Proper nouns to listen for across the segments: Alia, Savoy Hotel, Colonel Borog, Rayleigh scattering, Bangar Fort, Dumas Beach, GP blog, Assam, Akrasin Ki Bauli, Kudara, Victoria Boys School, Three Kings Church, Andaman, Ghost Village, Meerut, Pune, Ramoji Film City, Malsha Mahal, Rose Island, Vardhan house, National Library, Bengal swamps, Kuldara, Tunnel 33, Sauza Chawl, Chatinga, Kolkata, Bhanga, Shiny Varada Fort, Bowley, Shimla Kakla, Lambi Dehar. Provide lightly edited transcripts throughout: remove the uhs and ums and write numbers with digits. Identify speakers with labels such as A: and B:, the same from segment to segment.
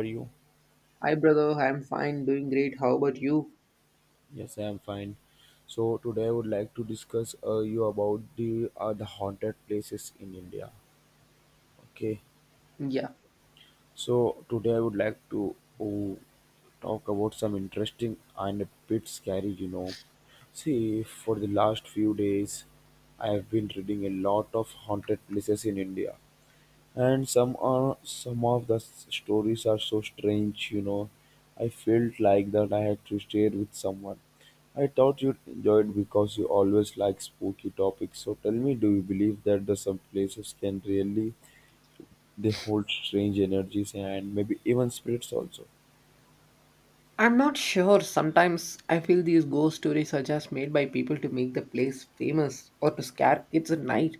A: Are you?
B: Hi, brother. I'm fine, doing great. How about you?
A: Yes, I am fine. So today I would like to discuss you about the haunted places in India. Okay.
B: Yeah.
A: So today I would like to uh, talk about some interesting and a bit scary, you know. See, for the last few days, I have been reading a lot of haunted places in India. And some are some of the s- stories are so strange, I felt like that I had to share with someone. I thought you'd enjoy it because you always like spooky topics. So tell me, do you believe that the some places can really, they hold strange energies and maybe even spirits also?
B: I'm not sure. Sometimes I feel these ghost stories are just made by people to make the place famous or to scare kids at night.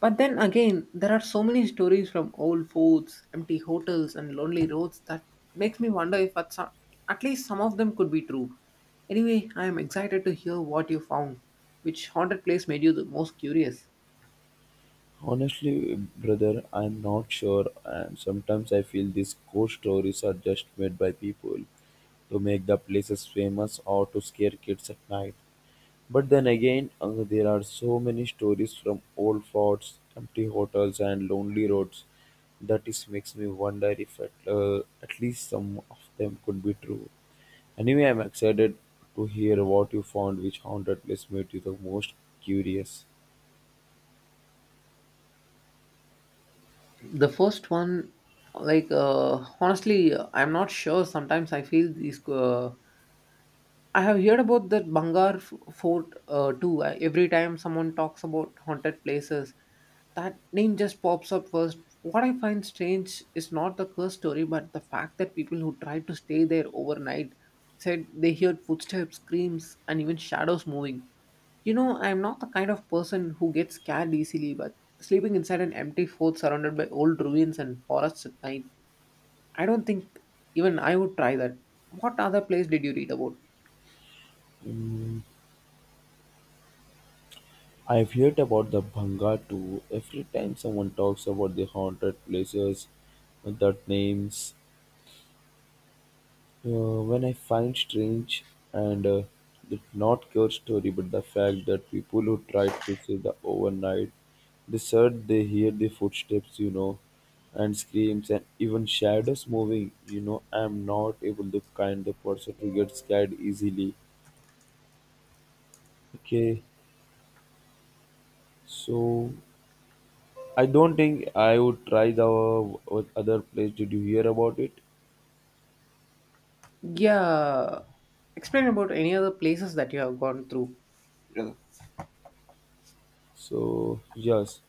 B: But then again, there are so many stories from old forts, empty hotels, and lonely roads that makes me wonder if at, some, at least some of them could be true. Anyway, I am excited to hear what you found. Which haunted place made you the most curious?
A: Honestly, brother, I'm not sure, and sometimes I feel these ghost stories are just made by people to make the places famous or to scare kids at night. But then again, there are so many stories from old forts, empty hotels, and lonely roads that is makes me wonder if at least some of them could be true. Anyway, I'm excited to hear what you found, which haunted place made you the most curious.
B: The first one like honestly I'm not sure sometimes I feel these I have heard about that Fort too. Every time someone talks about haunted places, that name just pops up first. What I find strange is not the curse story, but the fact that people who tried to stay there overnight said they heard footsteps, screams, and even shadows moving. You know, I'm not the kind of person who gets scared easily, but sleeping inside an empty fort surrounded by old ruins and forests at night, I don't think even I would try that. What other place did you read about?
A: Mm, I've heard about the Bhanga too. Every time someone talks about the haunted places, that names. When I find strange and it's not your story, but the fact that people who try to save the overnight, they said they hear the footsteps, you know, and screams and even shadows moving. You know, I'm not able to kind of person who gets scared easily. Okay, so I don't think I would try the other place. Did you hear about it?
B: Yeah. Explain about any other places that you have gone through.
A: So yes,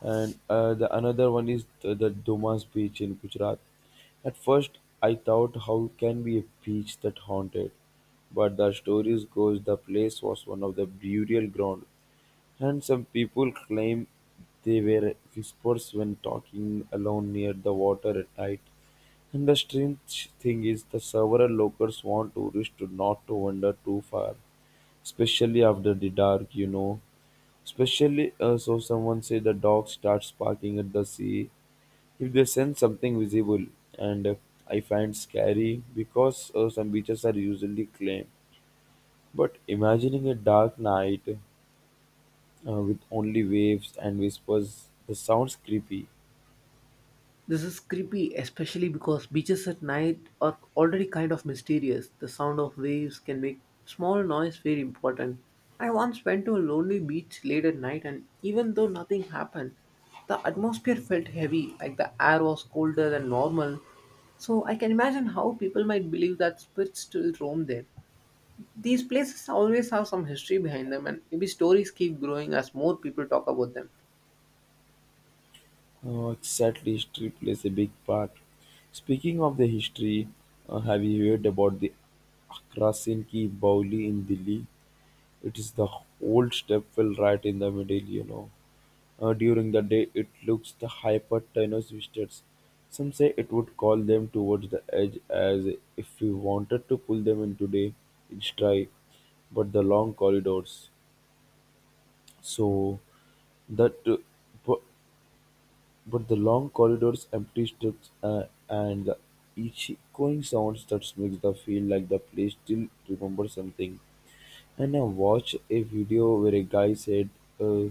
A: and the another one is the Dumas Beach in Gujarat. At first, I thought how can be a beach that haunted, but the stories goes the place was one of the burial ground, and some people claim they were whispers when talking alone near the water at night. And the strange thing is the several locals want tourists to not to wander too far, especially after the dark, you know. Especially so someone say the dog starts barking at the sea if they sense something visible. And I find scary because some beaches are usually clean. But imagining a dark night with only waves and whispers. The sounds creepy.
B: This is creepy, especially because beaches at night are already kind of mysterious. The sound of waves can make small noise very important. I once went to a lonely beach late at night, and even though nothing happened, the atmosphere felt heavy, like the air was colder than normal. So I can imagine how people might believe that spirits still roam there. These places always have some history behind them, and maybe stories keep growing as more people talk about them.
A: Exactly, history plays a big part. Speaking of the history, have you heard about the Akrasin Ki Bauli in Delhi? It is the old stepwell right in the middle, you know. During the day, it looks the hypertenuse visitors. Some say it would call them towards the edge as if we wanted to pull them in today. It's dry, but the long corridors. So That but but the long corridors, empty streets, and the echoing sounds that makes the feel like the place still remembers something. And I watched a video where a guy said uh,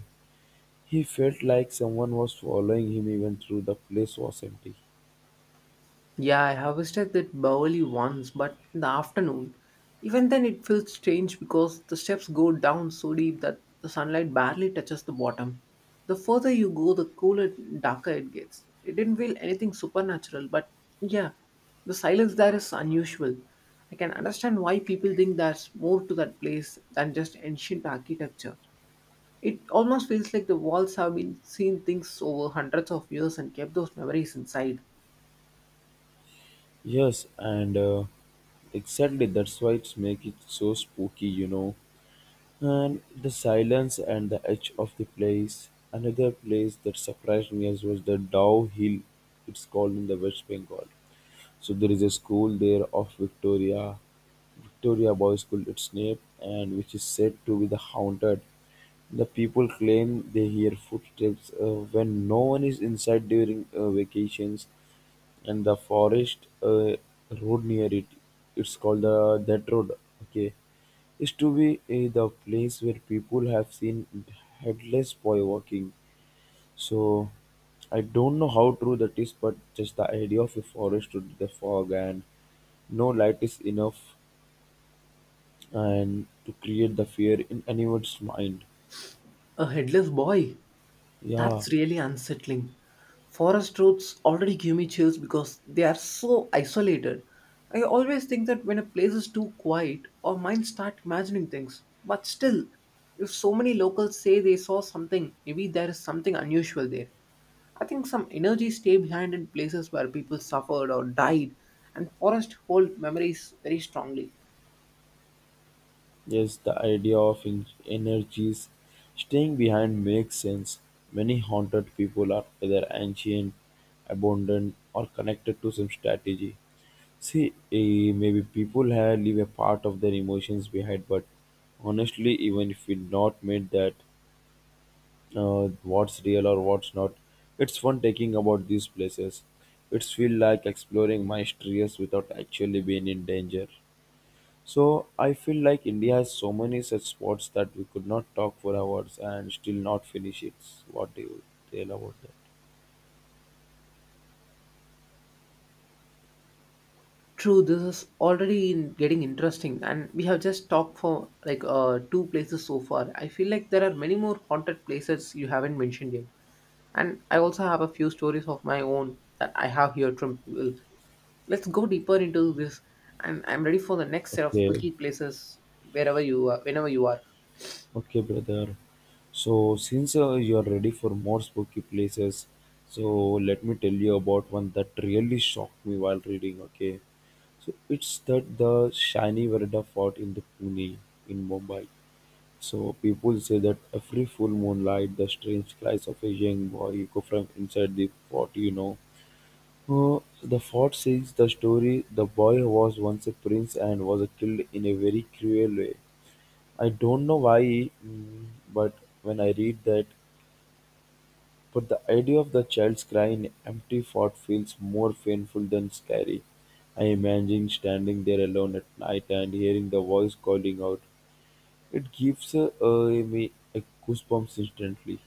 A: he felt like someone was following him even through the place was empty.
B: Yeah, I have visited that Bowley once, but in the afternoon. Even then, it feels strange because the steps go down so deep that the sunlight barely touches the bottom. The further you go, the cooler, darker it gets. It didn't feel anything supernatural, but yeah, the silence there is unusual. I can understand why people think there's more to that place than just ancient architecture. It almost feels like the walls have been seen things over hundreds of years and kept those memories inside.
A: Yes, and exactly that's why it's make it so spooky, you know. And the silence and the edge of the place. Another place that surprised me as was the Dow Hill, it's called in the West Bengal. So there is a school there of Victoria, Victoria Boys School, its name, and which is said to be the haunted. The people claim they hear footsteps when no one is inside during vacations. And the forest road near it, it's called the that road, okay, is to be the place where people have seen headless boy walking. So I don't know how true that is, but just the idea of a forest with the fog and no light is enough and to create the fear in anyone's mind.
B: A headless boy?
A: Yeah.
B: That's really unsettling. Forest roads already give me chills because they are so isolated. I always think that when a place is too quiet, our minds start imagining things. But still, if so many locals say they saw something, maybe there is something unusual there. I think some energy stay behind in places where people suffered or died, and forests hold memories very strongly.
A: Yes, the idea of energies staying behind makes sense. Many haunted people are either ancient, abandoned, or connected to some strategy. See, maybe people have leave a part of their emotions behind, but honestly, even if we not made that, what's real or what's not, it's fun taking about these places. It's feel like exploring my mysteries without actually being in danger. So I feel like India has so many such spots that we could not talk for hours and still not finish it. What do you tell about that?
B: True, this is already in getting interesting, and we have just talked for like two places so far. I feel like there are many more haunted places you haven't mentioned yet, and I also have a few stories of my own that I have here from people. Let's go deeper into this, and I'm ready for the next set of
A: Okay,
B: spooky places wherever you are, whenever you are.
A: okay, brother. So since you are ready for more spooky places, so let me tell you about one that really shocked me while reading. Okay, so it's that the shiny Varada Fort in the Pune in Mumbai. So people say that every full moonlight, the strange cries of a young boy echo from inside the fort. You know, the fort says the story, "The boy was once a prince and was killed in a very cruel way." I don't know why, mm, but when I read that, but the idea of the child's cry in an empty fort feels more painful than scary. I imagine standing there alone at night and hearing the voice calling out. It gives me a goosebumps instantly.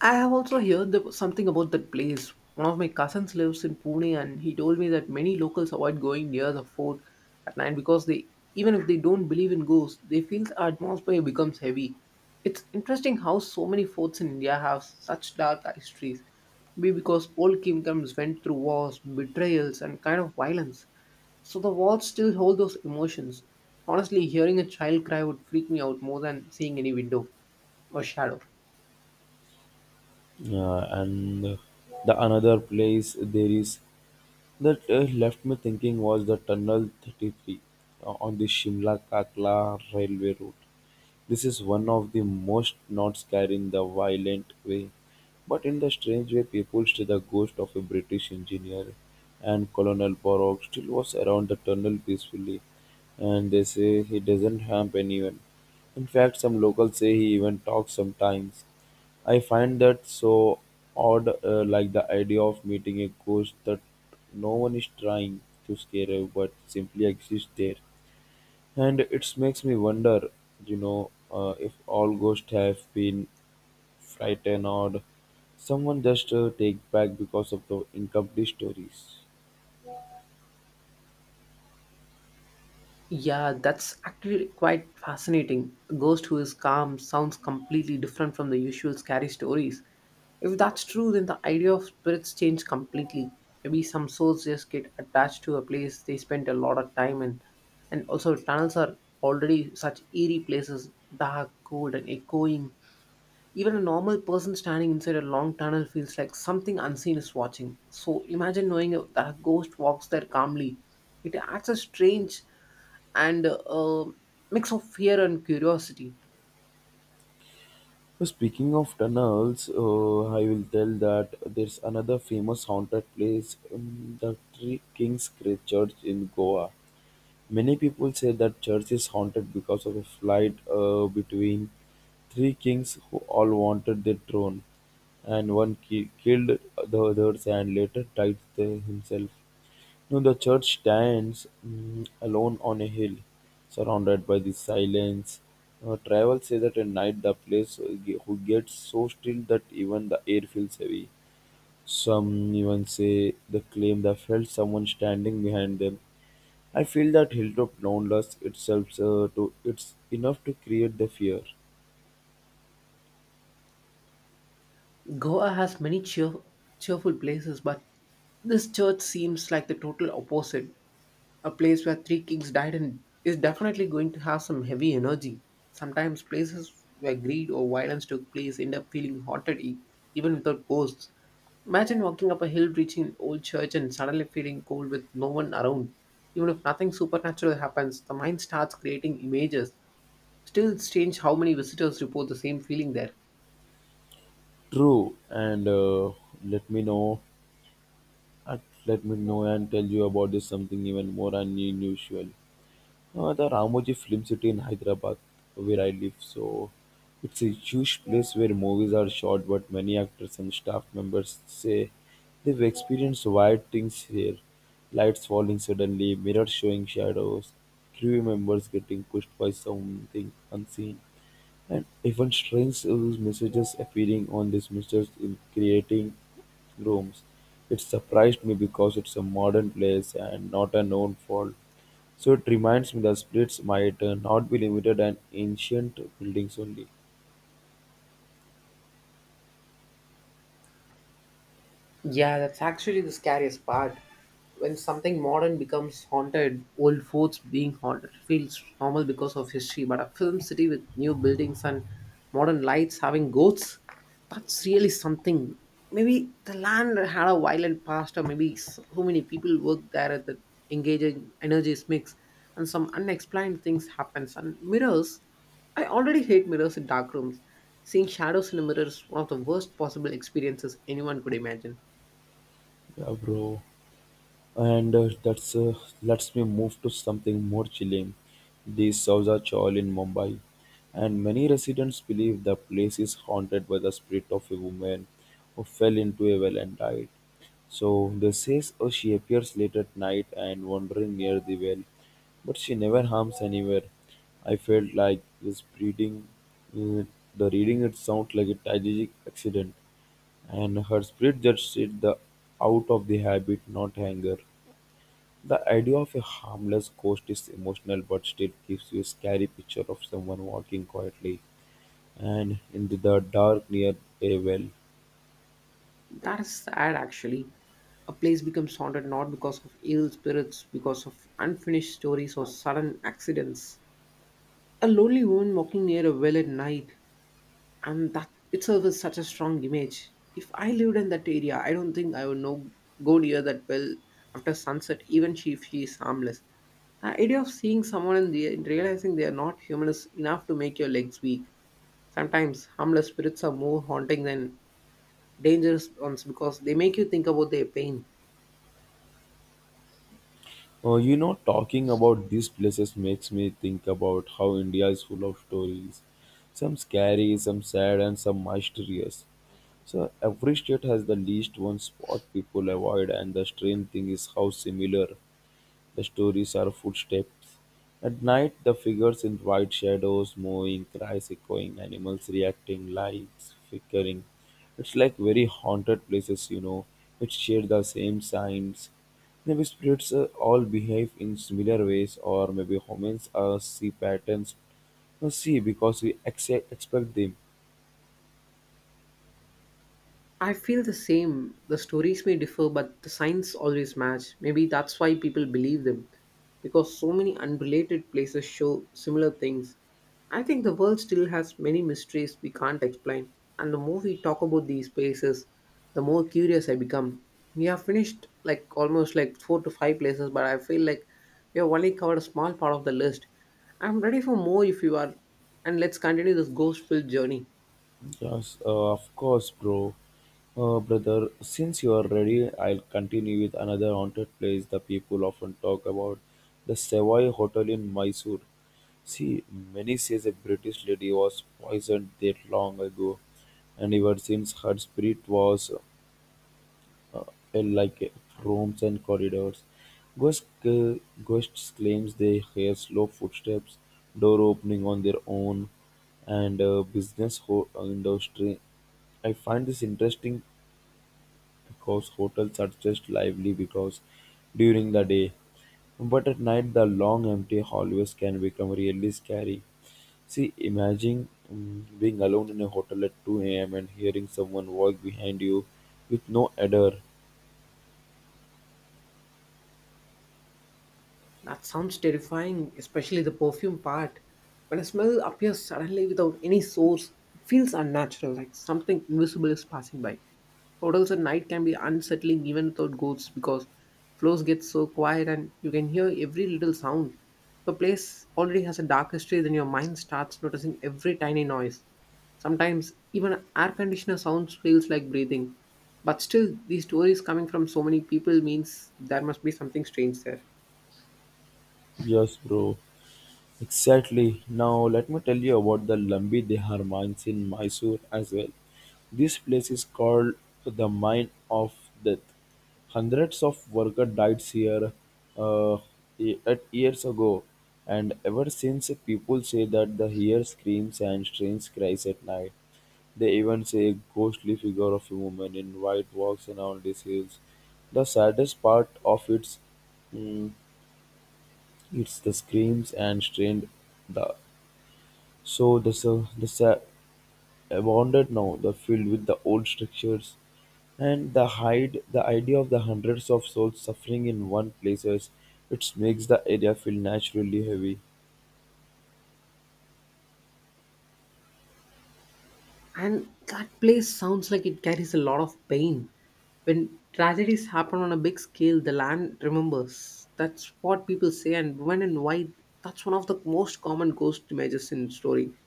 B: I have also heard the, something about that place. One of my cousins lives in Pune and he told me that many locals avoid going near the fort at night because they even if they don't believe in ghosts, they feel the atmosphere becomes heavy. It's interesting how so many forts in India have such dark histories. Maybe because old kingdoms went through wars, betrayals and kind of violence. So the walls still hold those emotions. Honestly, hearing a child cry would freak me out more than seeing any window or shadow.
A: And the another place there is that left me thinking was the Tunnel 33 on the Shimla Kakla railway route. This is one of the most not scary in the violent way, but in the strange way. People say the ghost of a British engineer and Colonel Borog still was around the tunnel peacefully, and they say he doesn't harm anyone. In fact, some locals say he even talks sometimes. I find that so odd, like the idea of meeting a ghost that no one is trying to scare you but simply exists there. And it makes me wonder, you know, if all ghosts have been frightened or someone just take back because of the incomplete stories.
B: Yeah, that's actually quite fascinating. A ghost who is calm sounds completely different from the usual scary stories. If that's true, then the idea of spirits change completely. Maybe some souls just get attached to a place they spent a lot of time in. And also, tunnels are already such eerie places dark, cold, and echoing. Even a normal person standing inside a long tunnel feels like something unseen is watching. So, imagine knowing that a ghost walks there calmly. It adds a strange and a mix of fear and curiosity.
A: So speaking of tunnels, I will tell that there's another famous haunted place in the Three Kings Church in Goa. Many people say that church is haunted because of a fight between three kings who all wanted the throne, and killed the others and later died there himself. Now the church stands alone on a hill, surrounded by the silence. Travel say that at night the place who gets so still that even the air feels heavy. Some even say they claim they felt someone standing behind them. I feel that Hilltop Downloads itself to it's enough to create the fear.
B: Goa has many cheerful places, but this church seems like the total opposite. A place where three kings died and is definitely going to have some heavy energy. Sometimes places where greed or violence took place end up feeling haunted even without ghosts. Imagine walking up a hill, reaching an old church, and suddenly feeling cold with no one around. Even if nothing supernatural happens, the mind starts creating images. Still, it's strange how many visitors report the same feeling there.
A: True, and let me know. uh, Let me know and tell you about this something even more unusual. The Ramoji Film City in Hyderabad, where I live, so it's a huge place where movies are shot, but many actors and staff members say they've experienced weird things here. Lights falling suddenly, mirrors showing shadows, crew members getting pushed by something unseen. And even strange use messages appearing on dismissals in creating rooms. It surprised me because it's a modern place and not a known fault. So it reminds me that spirits might not be limited and ancient buildings only.
B: Yeah, that's actually the scariest part. When something modern becomes haunted, old forts being haunted feels normal because of history, but a film city with new buildings and modern lights having ghosts, that's really something. Maybe the land had a violent past, or maybe so many people work there at the engaging energies mix, and some unexplained things happens. And mirrors, I already hate mirrors in dark rooms. Seeing shadows in a mirror is one of the worst possible experiences anyone could imagine.
A: Yeah, bro. And that's lets me move to something more chilling, the Sauza Chawl in Mumbai. And many residents believe the place is haunted by the spirit of a woman who fell into a well and died. So they say, oh, she appears late at night and wandering near the well, but she never harms anywhere. I felt like uh, the reading it sounds like a tragic accident, and her spirit just said the out of the habit, not anger. The idea of a harmless ghost is emotional but still gives you a scary picture of someone walking quietly and in the dark near a well.
B: That is sad, actually. A place becomes haunted not because of evil spirits, because of unfinished stories or sudden accidents. A lonely woman walking near a well at night, and that itself is such a strong image. If I lived in that area, I don't think I would know go near that well after sunset, even she, if she is harmless. The idea of seeing someone and realizing they are not human is enough to make your legs weak. Sometimes harmless spirits are more haunting than dangerous ones because they make you think about their pain.
A: You know, talking about these places makes me think about how India is full of stories. Some scary, some sad, and some mysterious. So every state has the least one spot people avoid, and the strange thing is how similar the stories are. Footsteps at night, the figures in white shadows, moving, cries echoing, animals reacting, lights flickering. It's like very haunted places, you know, which share the same signs. Maybe spirits all behave in similar ways, or maybe humans see because we expect them.
B: I feel the same. The stories may differ, but the signs always match. Maybe that's why people believe them, because so many unrelated places show similar things. I think the world still has many mysteries we can't explain, and the more we talk about these places, the more curious I become. We have finished like almost like four to five places, but I feel like we have only covered a small part of the list. I'm ready for more if you are, and let's continue this ghost filled journey.
A: Yes, of course, bro. Brother, since you are ready, I'll continue with another haunted place the people often talk about, the Savoy Hotel in Mysore. See, many says a British lady was poisoned there long ago, and ever since her spirit was rooms and corridors. Ghost, uh, Ghosts claims they hear slow footsteps, door opening on their own, and industry. I find this interesting because hotels are just lively because during the day, but at night the long empty hallways can become really scary. See, imagine being alone in a hotel at 2 a.m. and hearing someone walk behind you with no adder.
B: That sounds terrifying, especially the perfume part. When a smell appears suddenly without any source, it feels unnatural, like something invisible is passing by. Hotels at night can be unsettling even without ghosts because floors get so quiet and you can hear every little sound. If a place already has a dark history, then your mind starts noticing every tiny noise. Sometimes even air conditioner sounds feels like breathing. But still, these stories coming from so many people means there must be something strange there.
A: Yes, bro. Exactly. Now let me tell you about the Lambi Dehar mines in Mysore as well. This place is called the Mine of Death. Hundreds of workers died here uh, at years ago, and ever since people say that they hear screams and strange cries at night. They even say a ghostly figure of a woman in white walks around these hills. The saddest part of it's, mm, It's the screams and strained the so the sur- the sa- abandoned now, the filled with the old structures, and the hide the idea of the hundreds of souls suffering in one places, it makes the area feel naturally heavy.
B: And that place sounds like it carries a lot of pain. When tragedies happen on a big scale, the land remembers. That's what people say, and when and why, that's one of the most common ghost images in story.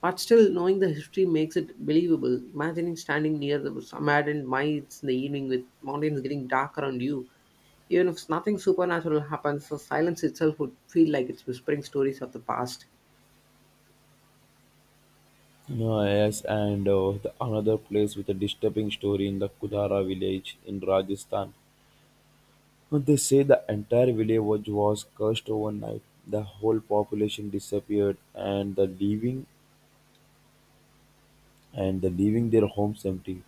B: But still, knowing the history makes it believable. Imagining standing near the abandoned mines in the evening with mountains getting dark around you, even if nothing supernatural happens, the silence itself would feel like it's whispering stories of the past.
A: Yes, and the another place with a disturbing story in the Kudara village in Rajasthan. They say the entire village was cursed overnight. The whole population disappeared, and the leaving their homes empty.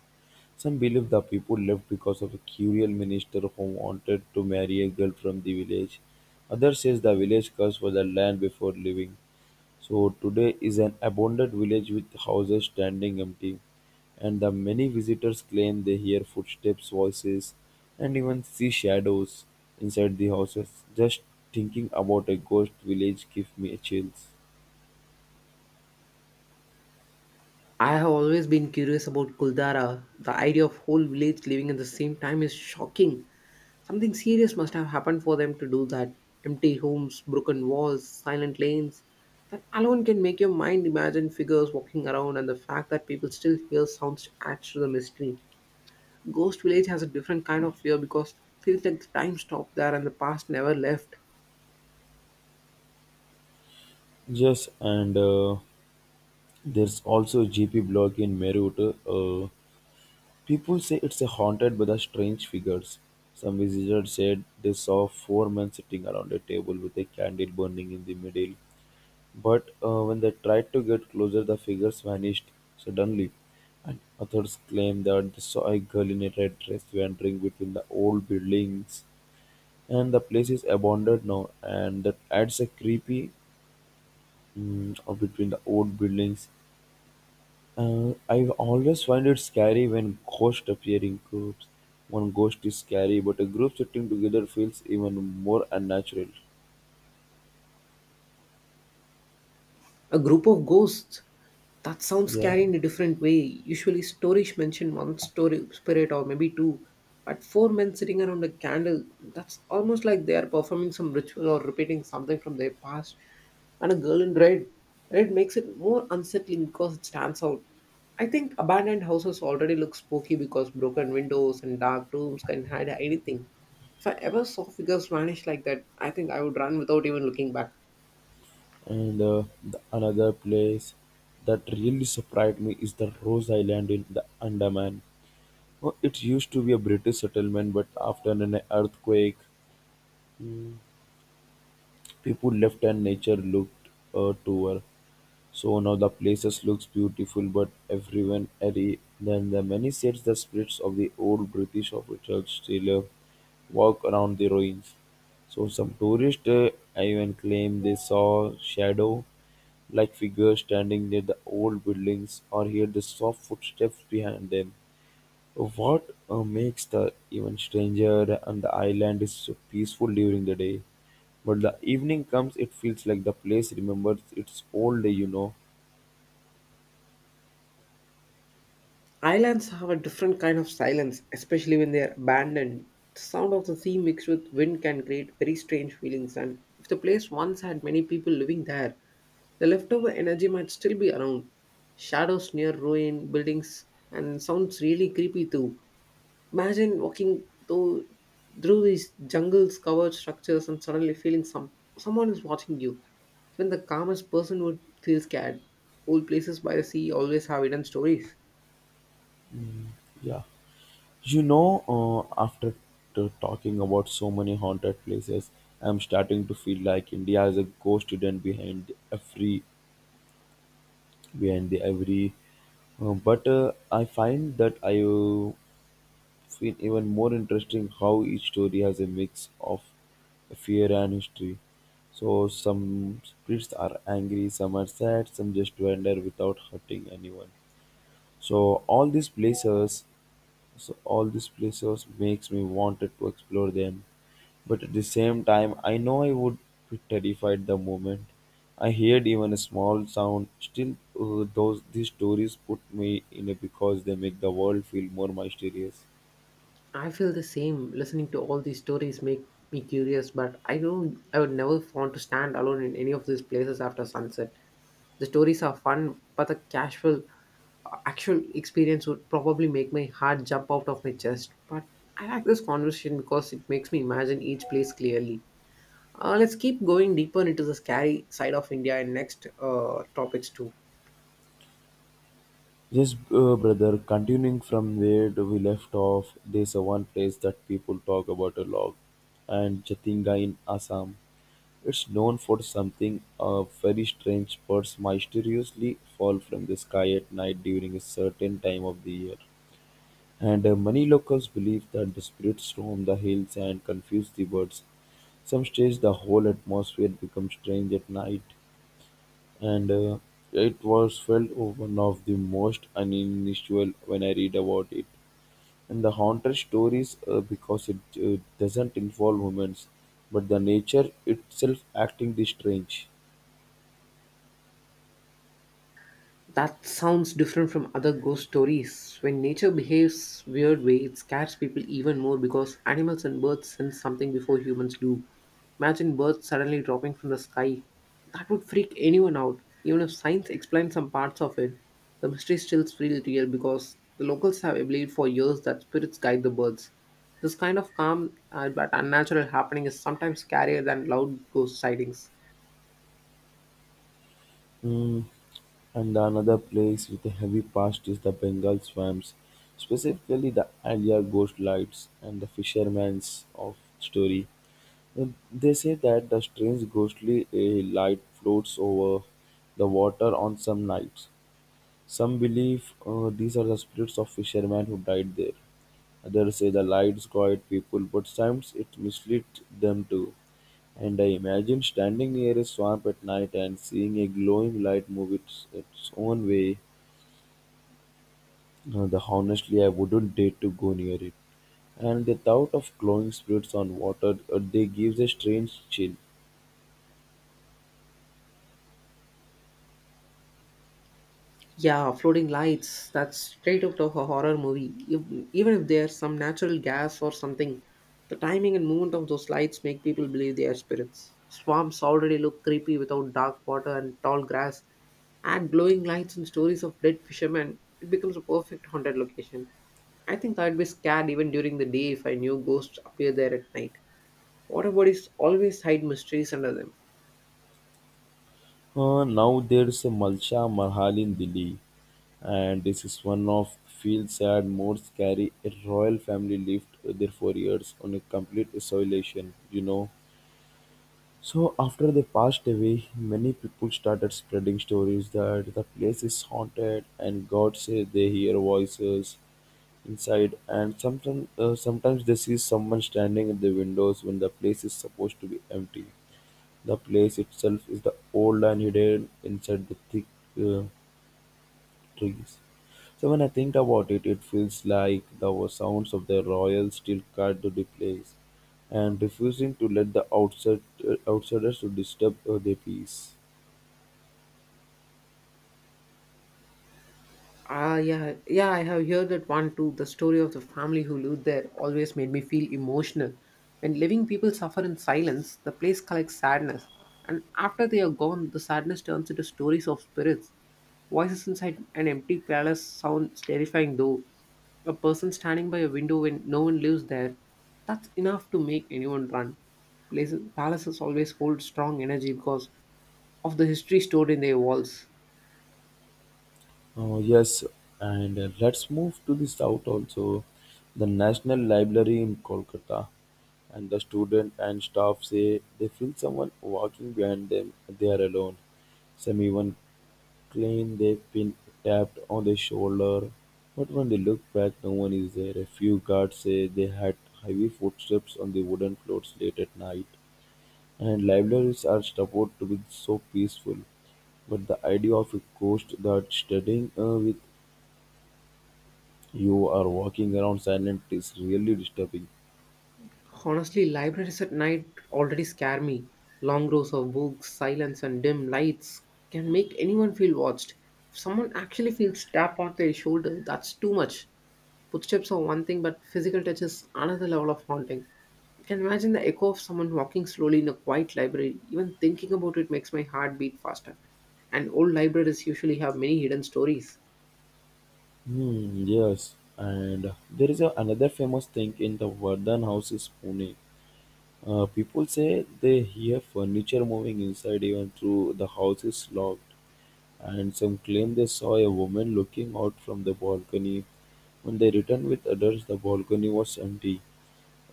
A: Some believe the people left because of a cruel minister who wanted to marry a girl from the village. Others says the village cursed for the land before leaving. So today is an abandoned village with houses standing empty, and the many visitors claim they hear footsteps, voices, and even see shadows inside the houses. Just thinking about a ghost village gives me chills.
B: I have always been curious about Kuldara. The idea of whole village living at the same time is shocking. Something serious must have happened for them to do that. Empty homes, broken walls, silent lanes. That alone can make your mind imagine figures walking around and the fact that people still hear sounds adds to the mystery. Ghost Village has a different kind of fear because it feels like the time stopped there and the past never left.
A: Yes, and there's also GP blog in Meerut. Uh, People say it's a haunted by the strange figures. Some visitors said they saw four men sitting around a table with a candle burning in the middle. But when they tried to get closer, the figures vanished suddenly. And others claimed that they saw a girl in a red dress wandering between the old buildings. And the place is abandoned now, and that adds a creepy, mm, between the old buildings. I always find it scary when ghosts appear in groups. One ghost is scary, but a group sitting together feels even more unnatural.
B: A group of ghosts. That sounds
A: Yeah,
B: scary in a different way. Usually, stories mention one story spirit or maybe two, but four men sitting around a candle. That's almost like they are performing some ritual or repeating something from their past. And a girl in red. Red makes it more unsettling because it stands out. I think abandoned houses already look spooky because broken windows and dark rooms can hide anything. If I ever saw figures vanish like that, I think I would run without even looking back.
A: and the another place that really surprised me is the Rose Island in the Andaman. Oh, it used to be a British settlement, but after an earthquake, mm, people left and nature looked to her. So now the places looks beautiful, but everyone airy. Then the many says the spirits of the old British officers still walk around the ruins. So some tourists even claim they saw shadow like figures standing near the old buildings or hear the soft footsteps behind them. What makes the even stranger and the island is so peaceful during the day. But the evening comes, it feels like the place remembers its old day, you know.
B: Islands have a different kind of silence, especially when they are abandoned. The sound of the sea mixed with wind can create very strange feelings, and if the place once had many people living there, the leftover energy might still be around. Shadows near ruin buildings and sounds really creepy too. Imagine walking through these jungles covered structures and suddenly feeling someone is watching you. Even the calmest person would feel scared. Old places by the sea always have hidden stories.
A: Yeah, you know, after talking about so many haunted places, I'm starting to feel like India is a ghost hidden behind every behind the every. But I find that I feel even more interesting how each story has a mix of fear and history. So some spirits are angry, some are sad, some just wander without hurting anyone. So all these places, so all these places makes me wanted to explore them. But at the same time, I know I would be terrified the moment I heard even a small sound. Still, those these stories put me in a because they make the world feel more mysterious.
B: I feel the same. Listening to all these stories make me curious, but I don't. I would never want to stand alone in any of these places after sunset. The stories are fun, but the casual, actual experience would probably make my heart jump out of my chest. But I like this conversation because it makes me imagine each place clearly. Let's keep going deeper into the scary side of India in next topics too.
A: Yes, brother. Continuing from where we left off, there's a one place that people talk about a lot, and Chatinga in Assam. It's known for something very strange birds mysteriously fall from the sky at night during a certain time of the year. And many locals believe that the spirits storm the hills and confuse the birds. Some stage the whole atmosphere becomes strange at night, and it was felt one of the most unusual when I read about it. And the haunted stories, because it doesn't involve humans, but the nature itself acting the strange.
B: That sounds different from other ghost stories. When nature behaves weird way, it scares people even more because animals and birds sense something before humans do. Imagine birds suddenly dropping from the sky. That would freak anyone out. Even if science explains some parts of it, the mystery still feels real because the locals have believed for years that spirits guide the birds. This kind of calm but unnatural happening is sometimes scarier than loud ghost sightings.
A: Mm, and another place with a heavy past is the Bengal swamps, specifically the Alia ghost lights and the fisherman's of story. And they say that the strange ghostly light floats over the water on some nights. Some believe these are the spirits of fishermen who died there. Others say the lights quiet people, but sometimes it misleads them too. And I imagine standing near a swamp at night and seeing a glowing light move its own way. The Honestly, I wouldn't dare to go near it. And the thought of glowing spirits on water, they gives a strange chill.
B: Yeah, floating lights. That's straight out of a horror movie. Even if there's some natural gas or something, the timing and movement of those lights make people believe they are spirits. Swamps already look creepy without dark water and tall grass. Add glowing lights and stories of dead fishermen, it becomes a perfect haunted location. I think I'd be scared even during the day if I knew ghosts appear there at night. Water bodies always hide mysteries under them.
A: Now there's a Malsha Mahal in Delhi, and this is one of feel sad, more scary. A royal family lived there for years on a complete isolation, you know. So after they passed away, many people started spreading stories that the place is haunted and God says they hear voices inside and sometimes they see someone standing at the windows when the place is supposed to be empty. The place itself is the old and hidden inside the thick uh, trees. So when I think about it, it feels like the sounds of the royal still cut to the place and refusing to let outsiders to disturb their peace.
B: Ah, yeah, yeah, I have heard that one too. The story of the family who lived there always made me feel emotional. When living people suffer in silence, the place collects sadness, and after they are gone, the sadness turns into stories of spirits. Voices inside an empty palace sounds terrifying, though. A person standing by a window when no one lives there, that's enough to make anyone run. Places, palaces always hold strong energy because of the history stored in their walls.
A: Oh, yes, and let's move to the south also. The National Library in Kolkata, and the student and staff say they feel someone walking behind them. They are alone. Some even claim they've been tapped on the shoulder, but when they look back, no one is there. A few guards say they had heavy footsteps on the wooden floors late at night, and libraries are supposed to be so peaceful. But the idea of a ghost that's studying with you or walking around silent is really disturbing.
B: Honestly, libraries at night already scare me. Long rows of books, silence, and dim lights can make anyone feel watched. If someone actually feels tapped on their shoulder, that's too much. Footsteps are one thing, but physical touch is another level of haunting. You can imagine the echo of someone walking slowly in a quiet library. Even thinking about it makes my heart beat faster. And old libraries usually have many hidden stories.
A: Hmm, yes, and there is another famous thing in the Vardhan house is Pune. People say they hear furniture moving inside even though the house is locked, and some claim they saw a woman looking out from the balcony. When they returned with adults, the balcony was empty.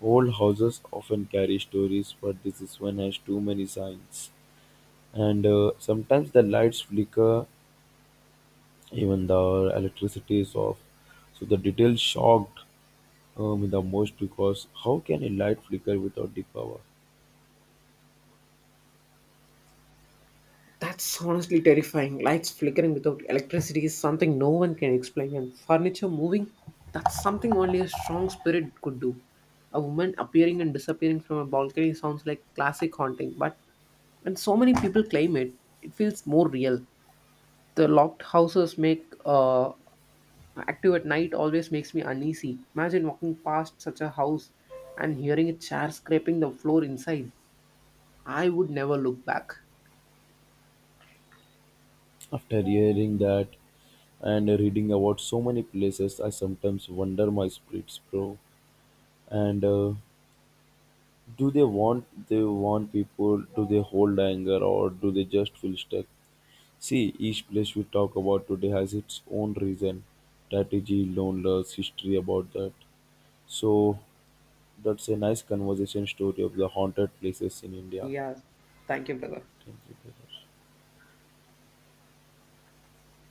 A: Old houses often carry stories, but this is one has too many signs. And sometimes the lights flicker, even the electricity is off. So the details shocked the most because how can a light flicker without the power?
B: That's honestly terrifying. Lights flickering without electricity is something no one can explain, and furniture moving, that's something only a strong spirit could do. A woman appearing and disappearing from a balcony sounds like classic haunting, but when so many people claim it, it feels more real. The locked houses make active at night always makes me uneasy. Imagine walking past such a house and hearing a chair scraping the floor inside. I would never look back.
A: After hearing that, and reading about so many places, I sometimes wonder my spirits, bro, and do they want people, do they hold anger, or do they just feel stuck? See each place we talk about today has its own reason, strategy, loneliness, history about that. So that's a nice conversation story of the haunted places in India.
B: Yeah, thank you, brother.
A: Thank you, brother.